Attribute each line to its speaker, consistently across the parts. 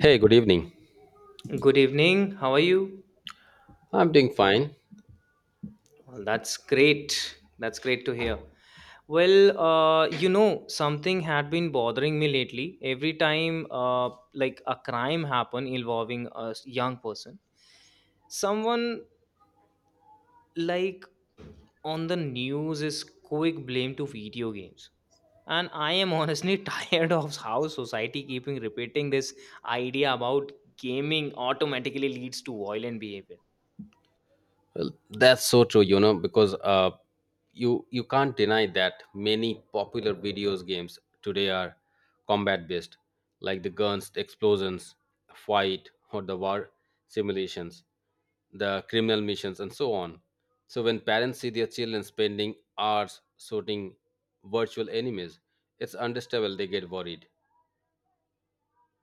Speaker 1: Hey, good evening.
Speaker 2: Good evening. How are you?
Speaker 1: I'm doing fine.
Speaker 2: Well, that's great. That's great to hear. Well, something had been bothering me lately. Every time, like a crime happened involving a young person, someone like on the news is quick blame to video games. And I am honestly tired of how society keeping repeating this idea about gaming automatically leads to violent behavior.
Speaker 1: Well, that's so true, you know, because you can't deny that many popular videos games today are combat based, like the guns, explosions, fight, or the war simulations, the criminal missions, and so on. So when parents see their children spending hours shooting virtual enemies, it's understandable they get worried.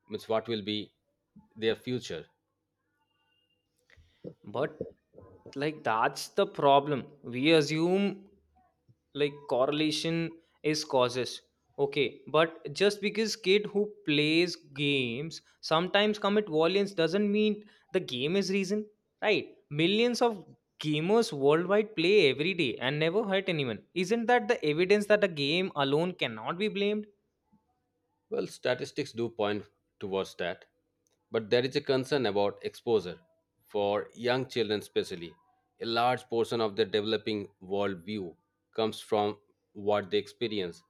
Speaker 1: Means what will be their future?
Speaker 2: But like that's the problem. We assume like correlation is causes. Okay, but just because kid who plays games sometimes commit violence doesn't mean the game is reason, right? Millions of gamers worldwide play every day and never hurt anyone. Isn't that the evidence that a game alone cannot be blamed?
Speaker 1: Well, statistics do point towards that, but there is a concern about exposure for young children, especially. A large portion of their developing world view comes from what they experience.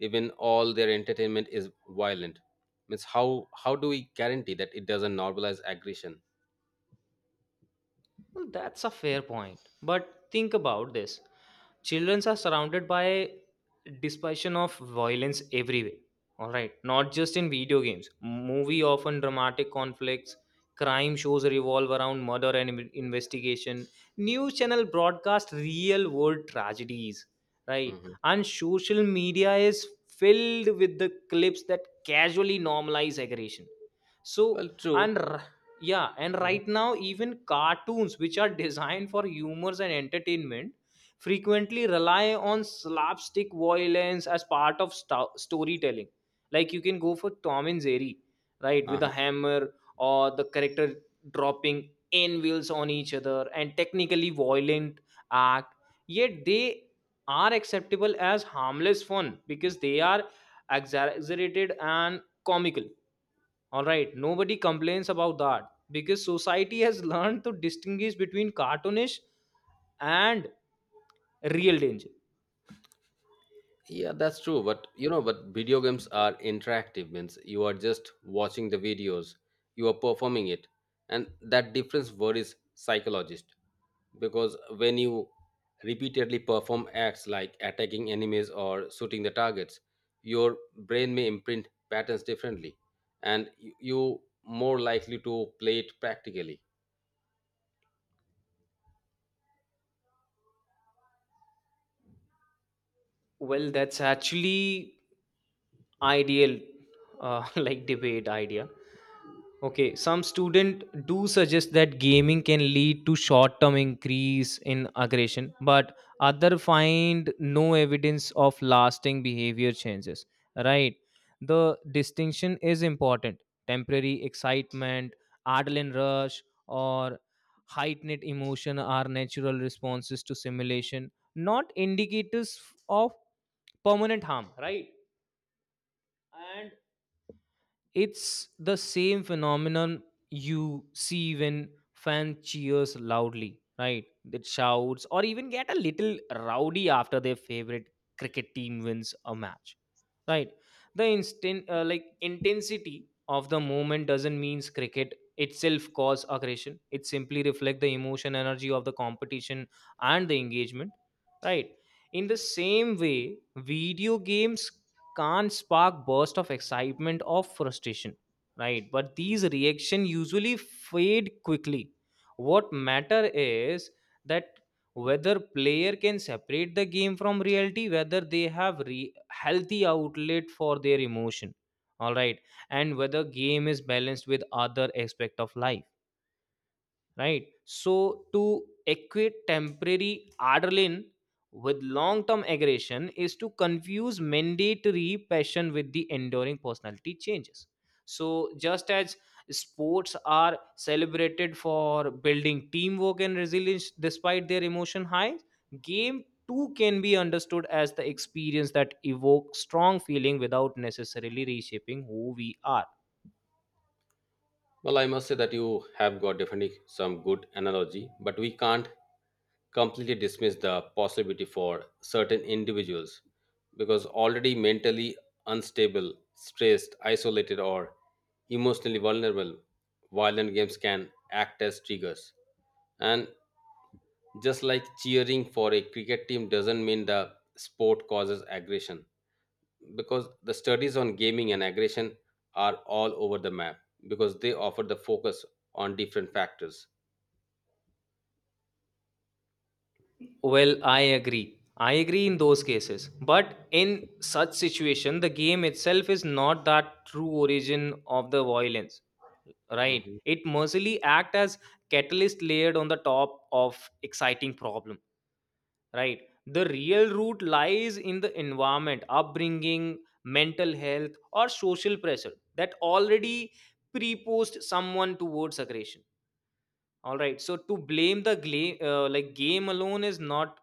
Speaker 1: Even all their entertainment is violent. Means how do we guarantee that it doesn't normalize aggression?
Speaker 2: Well, that's a fair point. But think about this. Children are surrounded by dispersion of violence everywhere. All right, not just in video games. Movie often dramatic conflicts, crime shows revolve around murder and investigation. News channel broadcast real world tragedies, right?
Speaker 1: Mhm.
Speaker 2: And social media is filled with the clips that casually normalize aggression. So
Speaker 1: Well, true.
Speaker 2: and r- yeah and right now even cartoons which are designed for humors and entertainment frequently rely on slapstick violence as part of storytelling, like you can go for Tom and Jerry, right, with a
Speaker 1: Mhm.
Speaker 2: hammer or the character dropping n wheels on each other and technically violent act, yet they are acceptable as harmless fun because they are exaggerated and comical. All right, nobody complains about that because society has learned to distinguish between cartoonish and real danger.
Speaker 1: Yeah, that's true. But you know, but video games are interactive, means you are just watching the videos, you are performing it. And that difference worries psychologists because when you repeatedly perform acts like attacking enemies or shooting the targets, your brain may imprint patterns differently, and you more likely to play it practically.
Speaker 2: Well, that's actually ideal, like debate idea. Okay, some students do suggest that gaming can lead to short-term increase in aggression, but other find no evidence of lasting behavior changes. Right? The distinction is important. Temporary excitement, adrenaline rush, or heightened emotion are natural responses to simulation, not indicators of permanent harm. Right? And it's the same phenomenon you see when fan cheers loudly, right? That shouts or even get a little rowdy after their favorite cricket team wins a match, right? The instant, like intensity of the moment doesn't mean cricket itself cause aggression. It simply reflects the emotion, energy of the competition and the engagement, right? In the same way, video games can spark burst of excitement or frustration, right? But these reaction usually fade quickly. What matter is that whether player can separate the game from reality, whether they have healthy outlet for their emotion, all right, and whether game is balanced with other aspect of life, right? So to equate temporary adrenaline with long term aggression is to confuse mandatory passion with the enduring personality changes. So just as sports are celebrated for building teamwork and resilience despite their emotion highs, game too can be understood as the experience that evokes strong feeling without necessarily reshaping who we are.
Speaker 1: Well, I must say that you have got definitely some good analogy, but we can't completely dismiss the possibility for certain individuals because already mentally unstable, stressed, isolated, or emotionally vulnerable, violent games can act as triggers. And just like cheering for a cricket team doesn't mean the sport causes aggression, because the studies on gaming and aggression are all over the map because they offer the focus on different factors.
Speaker 2: Well, I agree. I agree in those cases. But in such situation, the game itself is not that true origin of the violence, right?
Speaker 1: Mm-hmm.
Speaker 2: It mercifully act as catalyst layered on the top of exciting problem, right? The real root lies in the environment, upbringing, mental health, or social pressure that already prepost someone towards aggression. All right. So to blame the like game alone is not,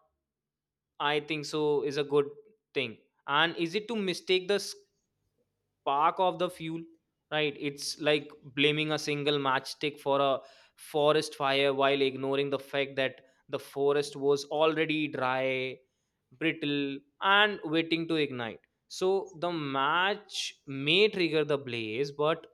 Speaker 2: I think so, is a good thing. And is it to mistake the spark of the fuel? Right? It's like blaming a single matchstick for a forest fire while ignoring the fact that the forest was already dry, brittle, and waiting to ignite. So the match may trigger the blaze, but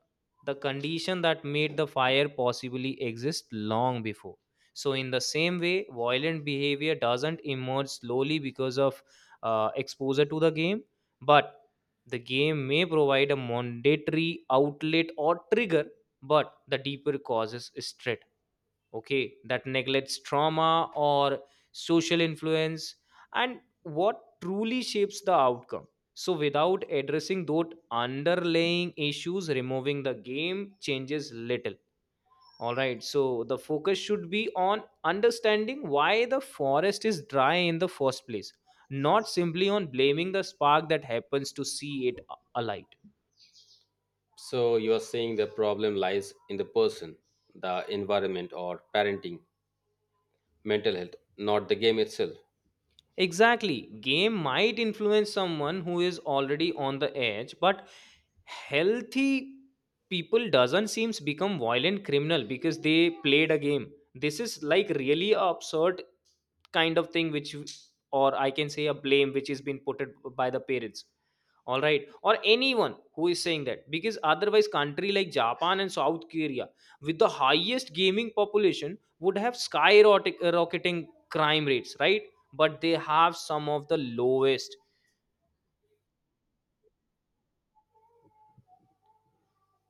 Speaker 2: the condition that made the fire possibly exist long before. So, in the same way, violent behavior doesn't emerge slowly because of exposure to the game, but the game may provide a mandatory outlet or trigger, but the deeper causes is threat, okay, that neglects trauma or social influence and what truly shapes the outcome. So, without addressing those underlying issues, removing the game changes little. All right, so the focus should be on understanding why the forest is dry in the first place, not simply on blaming the spark that happens to see it alight.
Speaker 1: So you are saying the problem lies in the person, the environment, or parenting, mental health, not the game itself.
Speaker 2: Exactly, game might influence someone who is already on the edge, but healthy people doesn't seems become violent criminal because they played a game. This is like really a absurd kind of thing which, or I can say a blame which is being put it by the parents, all right, or anyone who is saying that, because otherwise country like Japan and South Korea with the highest gaming population would have skyrocketing rocketing crime rates, right? But they have some of the lowest.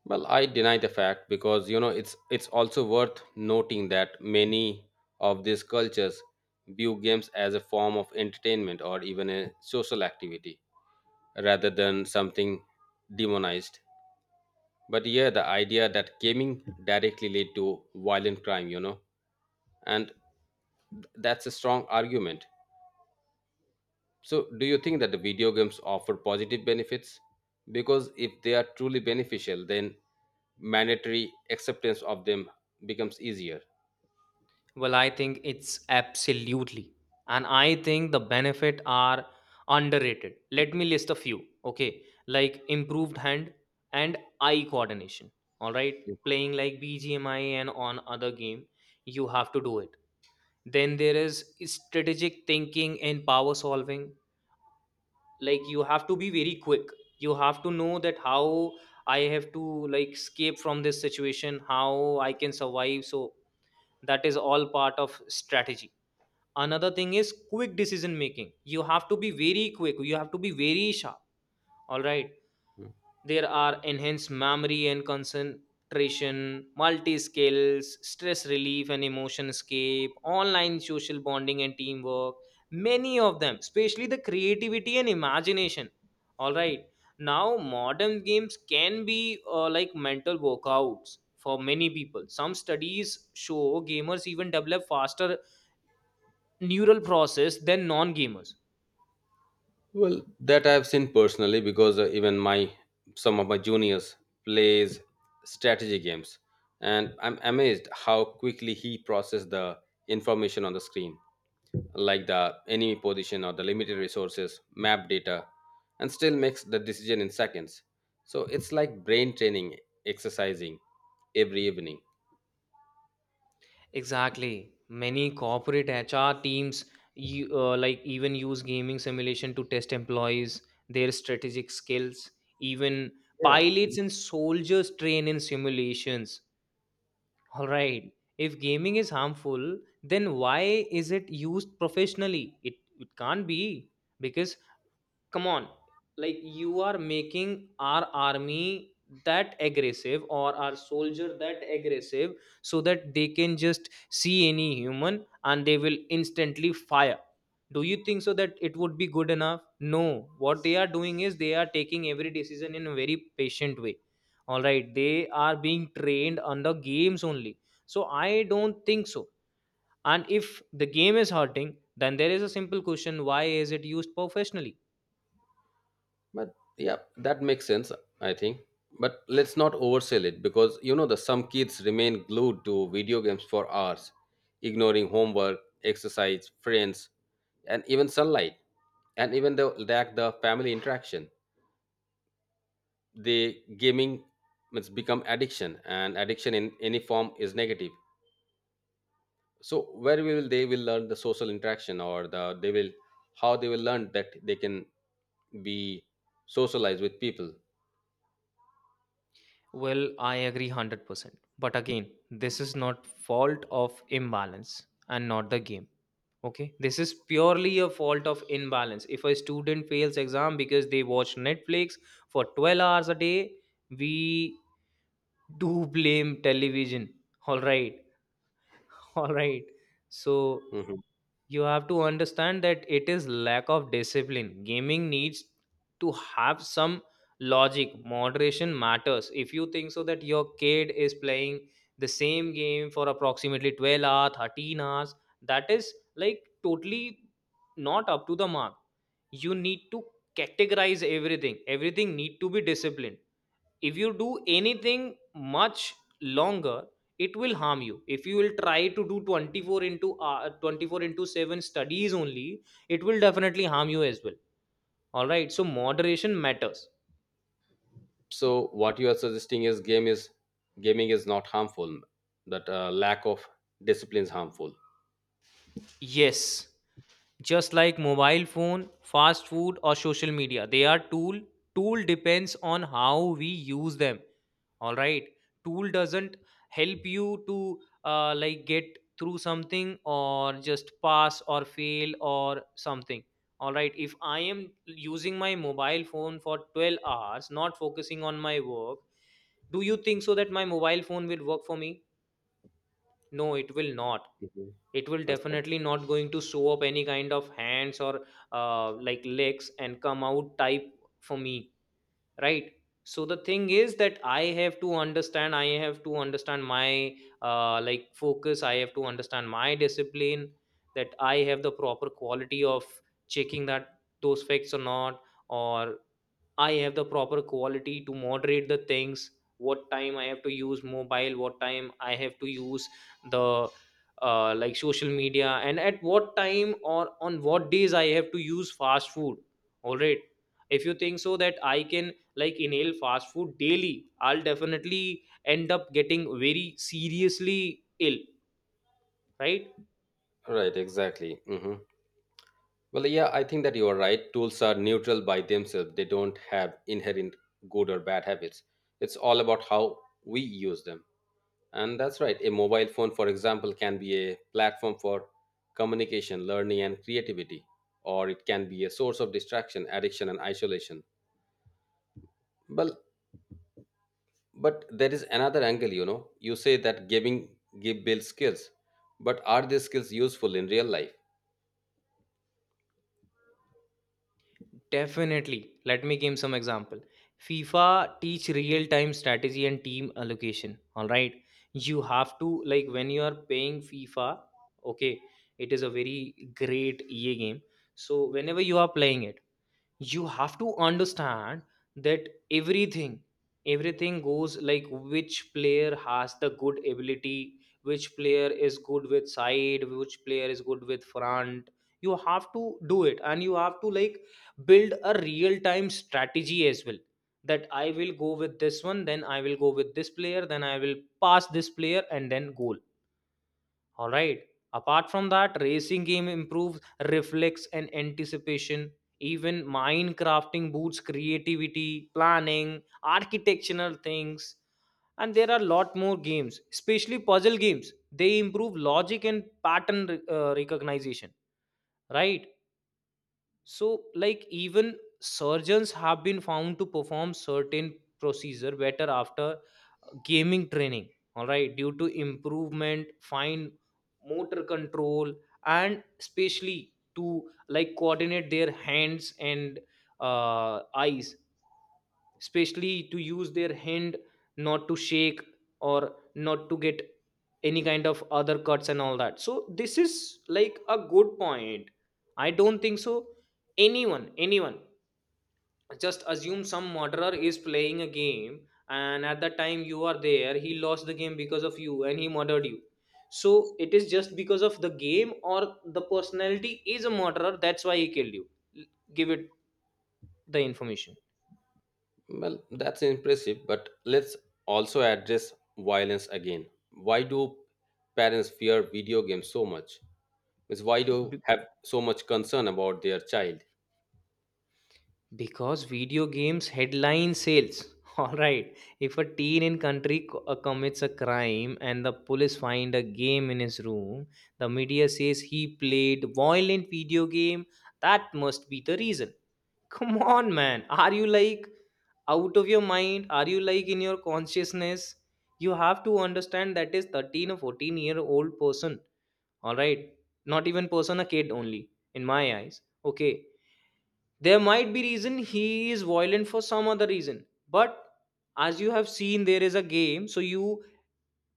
Speaker 1: Well, I deny the fact because you know it's also worth noting that many of these cultures view games as a form of entertainment or even a social activity rather than something demonized. But yeah, the idea that gaming directly lead to violent crime, you know, and that's a strong argument. So, do you think that the video games offer positive benefits? Because if they are truly beneficial, then mandatory acceptance of them becomes easier.
Speaker 2: Well, I think it's absolutely. And I think the benefit are underrated. Let me list a few, okay, like improved hand and eye coordination. All right, playing like BGMI and on other game, you have to do it. Then there is strategic thinking and power solving. Like you have to be very quick, you have to know that how I have to like escape from this situation, how I can survive, so that is all part of strategy. Another thing is quick decision making. You have to be very quick, you have to be very sharp, all right.
Speaker 1: Mhm.
Speaker 2: There are enhanced memory and concentration, multi skills, stress relief and emotion escape, online social bonding and teamwork, many of them, especially the creativity and imagination, all right. Now modern games can be like mental workouts for many people. Some studies show gamers even develop faster neural process than non gamers.
Speaker 1: Well, that I've seen personally because even my some of my juniors plays strategy games, and I'm amazed how quickly he processes the information on the screen, like the enemy position or the limited resources, map data, and still makes the decision in seconds. So it's like brain training, exercising every evening.
Speaker 2: Exactly. Many corporate HR teams like even use gaming simulation to test employees, their strategic skills, even
Speaker 1: Yeah,
Speaker 2: pilots and soldiers train in simulations. All right. If gaming is harmful, then why is it used professionally? It can't be, because come on, like you are making our army that aggressive or our soldier that aggressive so that they can just see any human and they will instantly fire. Do you think so that it would be good enough? No. What they are doing is they are taking every decision in a very patient way, all right. They are being trained under games only. So I don't think so. And if the game is hurting, then there is a simple question, why is it used professionally?
Speaker 1: but yeah, that makes sense, I think. But let's not oversell it because you know the some kids remain glued to video games for hours, ignoring homework, exercise, friends, and even sunlight, and even they lack the family interaction. They gaming, it's become addiction, and addiction in any form is negative. So where will they will learn the social interaction, or the they will how they will learn that they can be socialized with people?
Speaker 2: Well, I agree 100%. But again, this is not fault of imbalance and not the game. Okay? This is purely a fault of imbalance. If a student fails exam because they watch Netflix for 12 hours a day, we do blame television. All right. All right, so
Speaker 1: Mhm.
Speaker 2: you have to understand that it is lack of discipline. Gaming needs to have some logic. Moderation matters. If you think so that your kid is playing the same game for approximately 12 hours, 13 hours, that is like totally not up to the mark. You need to categorize everything. Everything need to be disciplined. If you do anything much longer, it will harm you. If you will try to do 24 into 24 into 7 studies only, it will definitely harm you as well, all right. So moderation matters.
Speaker 1: So what you are suggesting is game is gaming is not harmful, that lack of discipline is harmful.
Speaker 2: Yes, just like mobile phone, fast food, or social media, they are tool. Tool depends on how we use them, all right. Tool doesn't help you to like get through something or just pass or fail or something, all right. If I am using my mobile phone for 12 hours not focusing on my work, do you think so that my mobile phone will work for me? No, it will not.
Speaker 1: Mhm.
Speaker 2: It will
Speaker 1: That's right.
Speaker 2: definitely not going to show up any kind of hands or like legs and come out type for me, right? So the thing is that I have to understand, I have to understand my like focus, I have to understand my discipline, that I have the proper quality of checking that those facts or not, or I have the proper quality to moderate the things, what time I have to use mobile, what time I have to use the like social media, and at what time or on what days I have to use fast food. All right. If you think so that I can like inhale fast food daily, I'll definitely end up getting very seriously ill, right?
Speaker 1: Right, exactly. Mhm. Well, yeah, I think that you are right. Tools are neutral by themselves, they don't have inherent good or bad habits. It's all about how we use them. And that's right. A mobile phone, for example, can be a platform for communication, learning, and creativity, or it can be a source of distraction, addiction, and isolation. Well, but there is another angle, you know. You say that giving give builds skills, but are these skills useful in real life?
Speaker 2: Definitely. Let me give some example. FIFA teach real time strategy and team allocation. All right. You have to like, when you are paying FIFA, okay, it is a very great EA game. So whenever you are playing it, you have to understand that everything goes like which player has the good ability, which player is good with side, which player is good with front. You have to do it and you have to like build a real time strategy as well, that I will go with this one, then I will go with this player, then I will pass this player and then goal, all right. Apart from that, racing game improves reflex and anticipation. Even Minecrafting boosts creativity, planning, architectural things. And there are a lot more games, especially puzzle games. They improve logic and pattern recognition, right? So, like even surgeons have been found to perform certain procedure better after gaming training. All right, due to improvement, fine motor control, and especially to like coordinate their hands and eyes, especially to use their hand not to shake or not to get any kind of other cuts and all that. So this is like a good point. I don't think so anyone just assume some murderer is playing a game and at the time you are there he lost the game because of you and he murdered you. So it is just because of the game or the personality is a murderer, that's why he killed you. L- Give it the information.
Speaker 1: Well, that's impressive, but let's also address violence again. Why do parents fear video games so much? Means why do have so much concern about their child?
Speaker 2: Because video games headline sales. All right. If a teen in country commits a crime and the police find a game in his room, the media says he played violent video game. That must be the reason. Come on, man. Are you like out of your mind? Are you like in your consciousness? You have to understand that is 13 or 14-year-old person. All right. Not even person, a kid only in my eyes. Okay, there might be reason he is violent for some other reason, but as you have seen there is a game, so you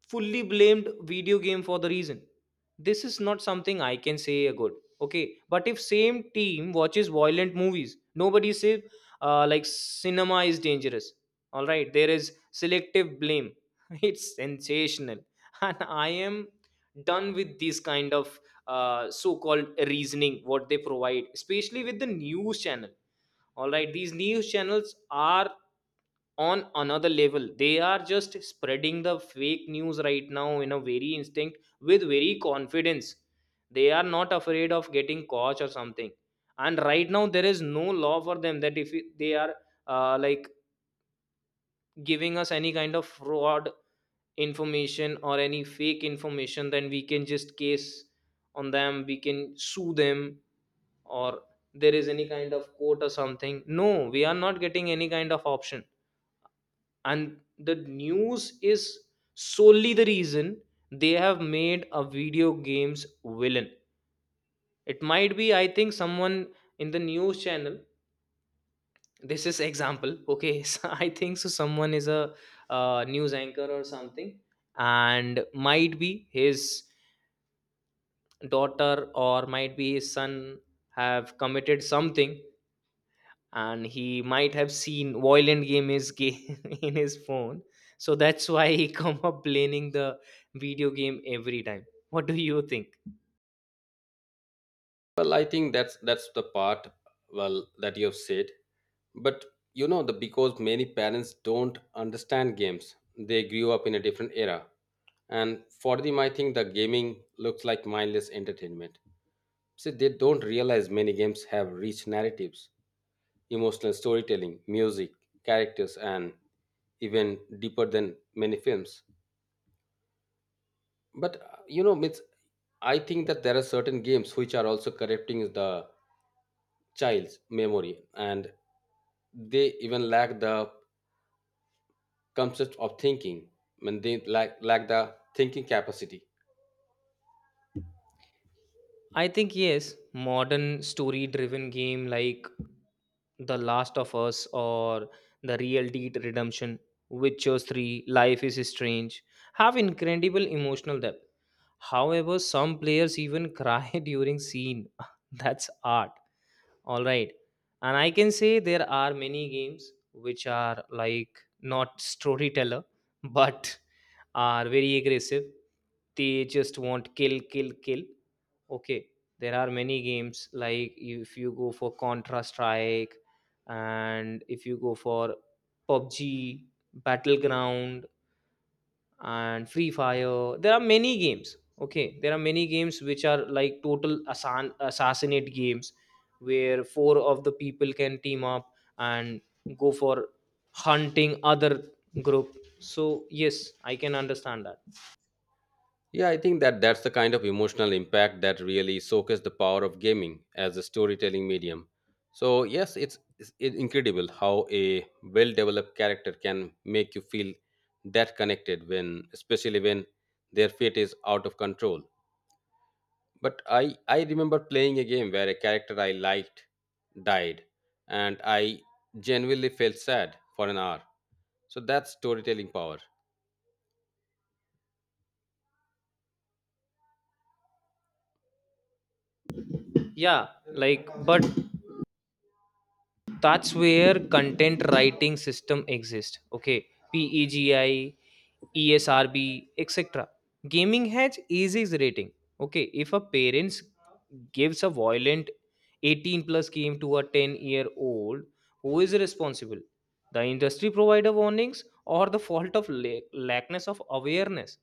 Speaker 2: fully blamed video game for the reason. This is not something I can say a good. Okay, but if same team watches violent movies, nobody says like cinema is dangerous. All right, there is selective blame. It's sensational, and I am done with this kind of so-called reasoning what they provide, especially with the news channel. All right, these news channels are on another level. They are just spreading the fake news right now in a very instinct with very confidence. They are not afraid of getting caught or something, and right now there is no law for them that if they are like giving us any kind of fraud information or any fake information, then we can just case on them, we can sue them, or there is any kind of quote or something. No, we are not getting any kind of option. And the news is solely the reason they have made a video games villain. It might be, I think someone in the news channel, this is example. Okay. So I think so someone is a news anchor or something, and might be his daughter or might be his son have committed something, and he might have seen violent game in his phone. So that's why he come up playing the video game every time. What do you think?
Speaker 1: Well, I think that's the part well that you have said. But you know the because many parents don't understand games. They grew up in a different era. And for them, I think the gaming looks like mindless entertainment. See, they don't realize many games have rich narratives, emotional storytelling, music, characters, and even deeper than many films. But you know, it's, I think that there are certain games which are also corrupting the child's memory, and they even lack the concept of thinking, and they lack the thinking capacity.
Speaker 2: I think yes, modern story driven game like The Last of Us or The Real Deed Redemption, Witcher 3, Life is Strange have incredible emotional depth. However, some players even cry during scene. That's art. All right. And I can say there are many games which are like not storyteller, but are very aggressive. They just want kill, kill, kill. Okay. There are many games like if you go for Contra Strike and if you go for PUBG, Battleground, and free fire, there are many games. Okay, there are many games which are like total assassinate games where four of the people can team up and go for hunting other group. So yes, I can understand that.
Speaker 1: Yeah, I think that that's the kind of emotional impact that really showcases the power of gaming as a storytelling medium. So yes, it's incredible how a well-developed character can make you feel that connected when, especially when their fate is out of control. But I remember playing a game where a character I liked died, and I genuinely felt sad for an hour. So that's storytelling power.
Speaker 2: Yeah like, but that's where content writing system exist. Okay, PEGI, ESRB, etc., gaming has easy rating. Okay, if a parents gives a violent 18 plus game to a 10-year old, who is responsible? The industry provider warnings, or the fault of lackness of awareness?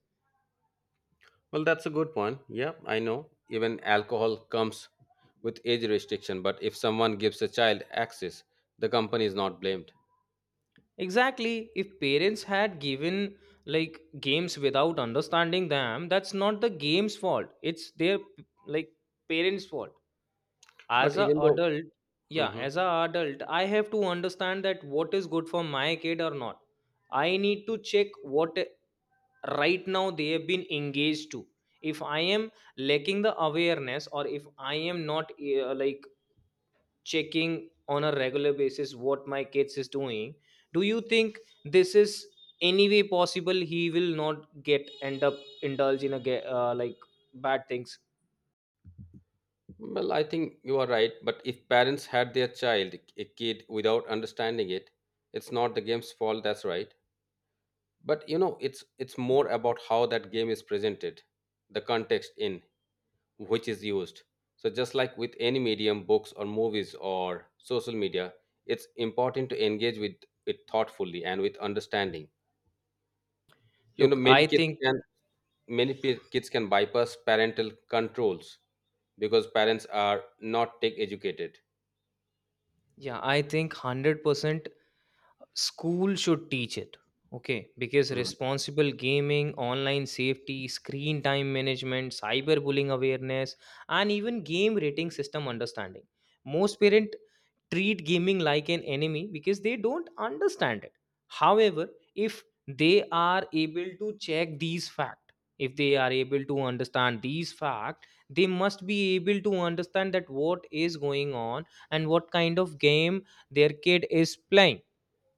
Speaker 1: Well, that's a good point. Yeah, I know. Even alcohol comes with age restriction, but if someone gives a child access, the company is not blamed.
Speaker 2: Exactly. If parents had given like games without understanding them, that's not the game's fault. It's their like parents' fault.
Speaker 1: But
Speaker 2: As a
Speaker 1: even though,
Speaker 2: adult, yeah,
Speaker 1: Mhm.
Speaker 2: as a adult, I have to understand that what is good for my kid or not. I need to check what right now they have been engaged to. If I am lacking the awareness, or if I am not like checking on a regular basis what my kids is doing, do you think this is any way possible he will not get end up indulge in a like bad things?
Speaker 1: well, I think you are right. But if parents had their child, a kid, without understanding it, it's not the game's fault. That's right. But you know, it's more about how that game is presented, the context in which is used. So, just like with any medium, books or movies or social media, it's important to engage with it thoughtfully and with understanding. You know,
Speaker 2: Look, I
Speaker 1: many kids
Speaker 2: think,
Speaker 1: can many kids can bypass parental controls because parents are not tech educated.
Speaker 2: yeah, I think 100% school should teach it. Okay, because
Speaker 1: Mm.
Speaker 2: responsible gaming, online safety, screen time management, cyberbullying awareness, and even game rating system understanding. Most parent treat gaming like an enemy because they don't understand it. However, if they are able to check these facts, if they are able to understand these facts, they must be able to understand that what is going on and what kind of game their kid is playing.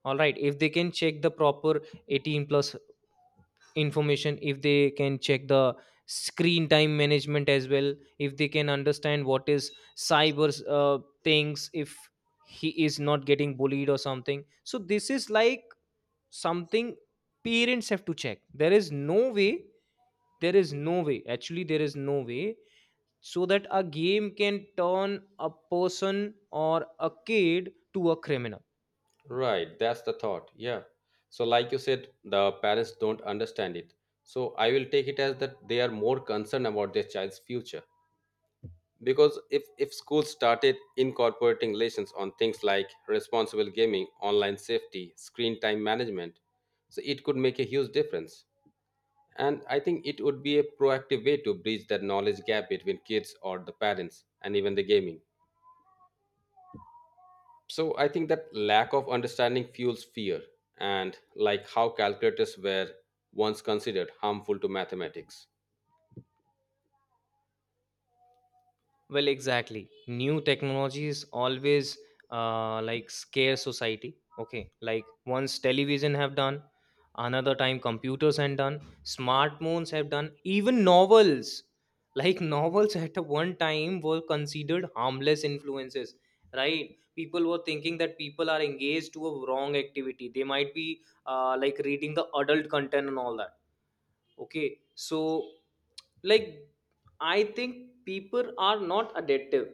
Speaker 2: All right, if they can check the proper 18 plus information, if they can check the screen time management as well, if they can understand what is cyber things, if he is not getting bullied or something, so this is like something parents have to check. There is no way, there is no way actually, there is no way so that a game can turn a person or a kid to a criminal.
Speaker 1: Right, that's the thought. Yeah. So, like you said, the parents don't understand it. So, I will take it as that they are more concerned about their child's future. Because if schools started incorporating lessons on things like responsible gaming, online safety, screen time management, so it could make a huge difference, and I think it would be a proactive way to bridge that knowledge gap between kids or the parents and even the gaming. So I think that lack of understanding fuels fear, and like how calculators were once considered harmful to mathematics.
Speaker 2: Well, exactly. New technologies always like scare society. Okay, like once television have done, another time computers have done, smartphones have done, even novels. Like novels at a one time were considered harmless influences, right? People were thinking that people are engaged to a wrong activity. They might be like reading the adult content and all that. Okay, so like I think people are not adaptive.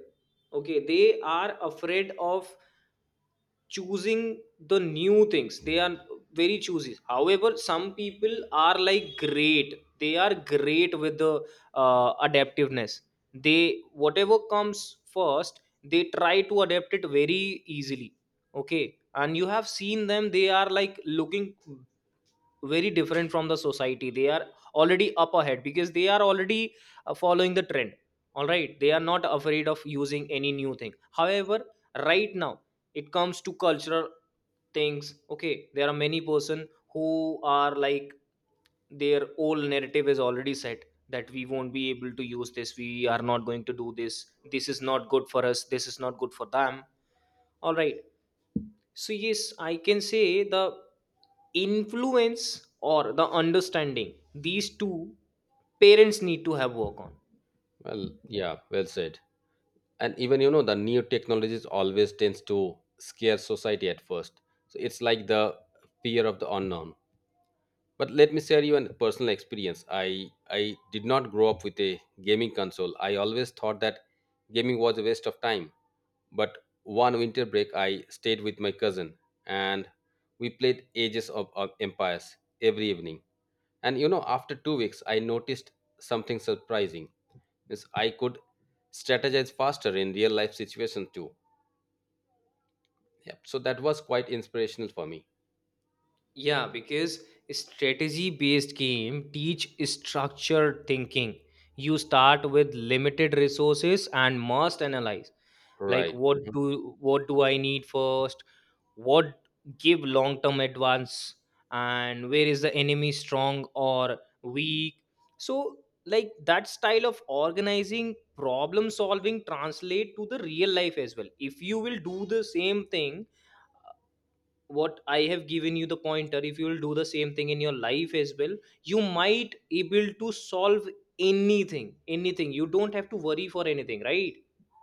Speaker 2: Okay, they are afraid of choosing the new things. They are very choosy. However, some people are like great. They are great with the adaptiveness. They whatever comes first, they try to adapt it very easily. Okay, and you have seen them. They are like looking very different from the society. They are already up ahead because they are already following the trend. All right, they are not afraid of using any new thing. However, right now it comes to cultural things. Okay, there are many person who are like their old narrative is already set that we won't be able to use this, we are not going to do this, this is not good for us, this is not good for them. All right, so yes, I can say the influence or the understanding, these two parents need to have work on.
Speaker 1: Well, yeah, well said. And even you know the new technologies always tends to scare society at first, so it's like the fear of the unknown. But let me share you a personal experience. I did not grow up with a gaming console. I always thought that gaming was a waste of time. But one winter break, I stayed with my cousin and we played Ages of Empires every evening. And you know, after 2 weeks, I noticed something surprising. Means I could strategize faster in real life situations too. Yep. So that was quite inspirational for me.
Speaker 2: Yeah, because strategy based game teach structured thinking. You start with limited resources and must analyze like
Speaker 1: Right.
Speaker 2: what do I need first, what give long term advance, and where is the enemy strong or weak. So like that style of organizing problem solving translate to the real life as well. If you will do the same thing, uh, what I have given you the pointer, if you will do the same thing in your life as well, you might able to solve anything. Anything, you don't have to worry for anything, right?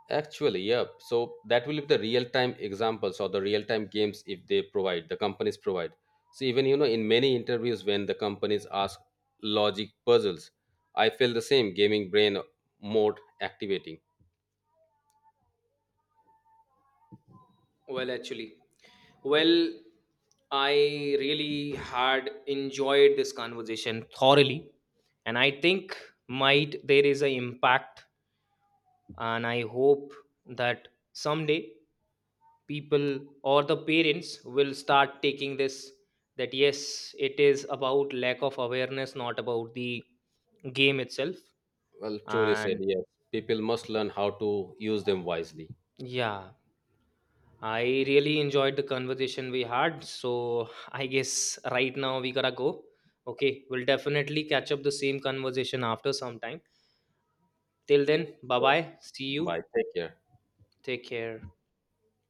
Speaker 1: Actually, yeah. So that will be the real-time examples or the real-time games if they provide, the companies provide. So even you know, in many interviews when the companies ask logic puzzles, I feel the same gaming brain mode activating.
Speaker 2: Well actually, well, I really had enjoyed this conversation thoroughly, and I think might there is an impact, and I hope that someday people or the parents will start taking this, that yes, it is about lack of awareness, not about the game itself,
Speaker 1: Well, truly said,
Speaker 2: and
Speaker 1: yes. People must learn how to use them wisely.
Speaker 2: yeah, I
Speaker 1: Yeah.
Speaker 2: really enjoyed the conversation we had. So I guess right now we gotta go. Okay, we'll definitely catch up the same conversation after some time. Till then, bye
Speaker 1: So
Speaker 2: bye. See you.
Speaker 1: bye. Take care.
Speaker 2: Take care.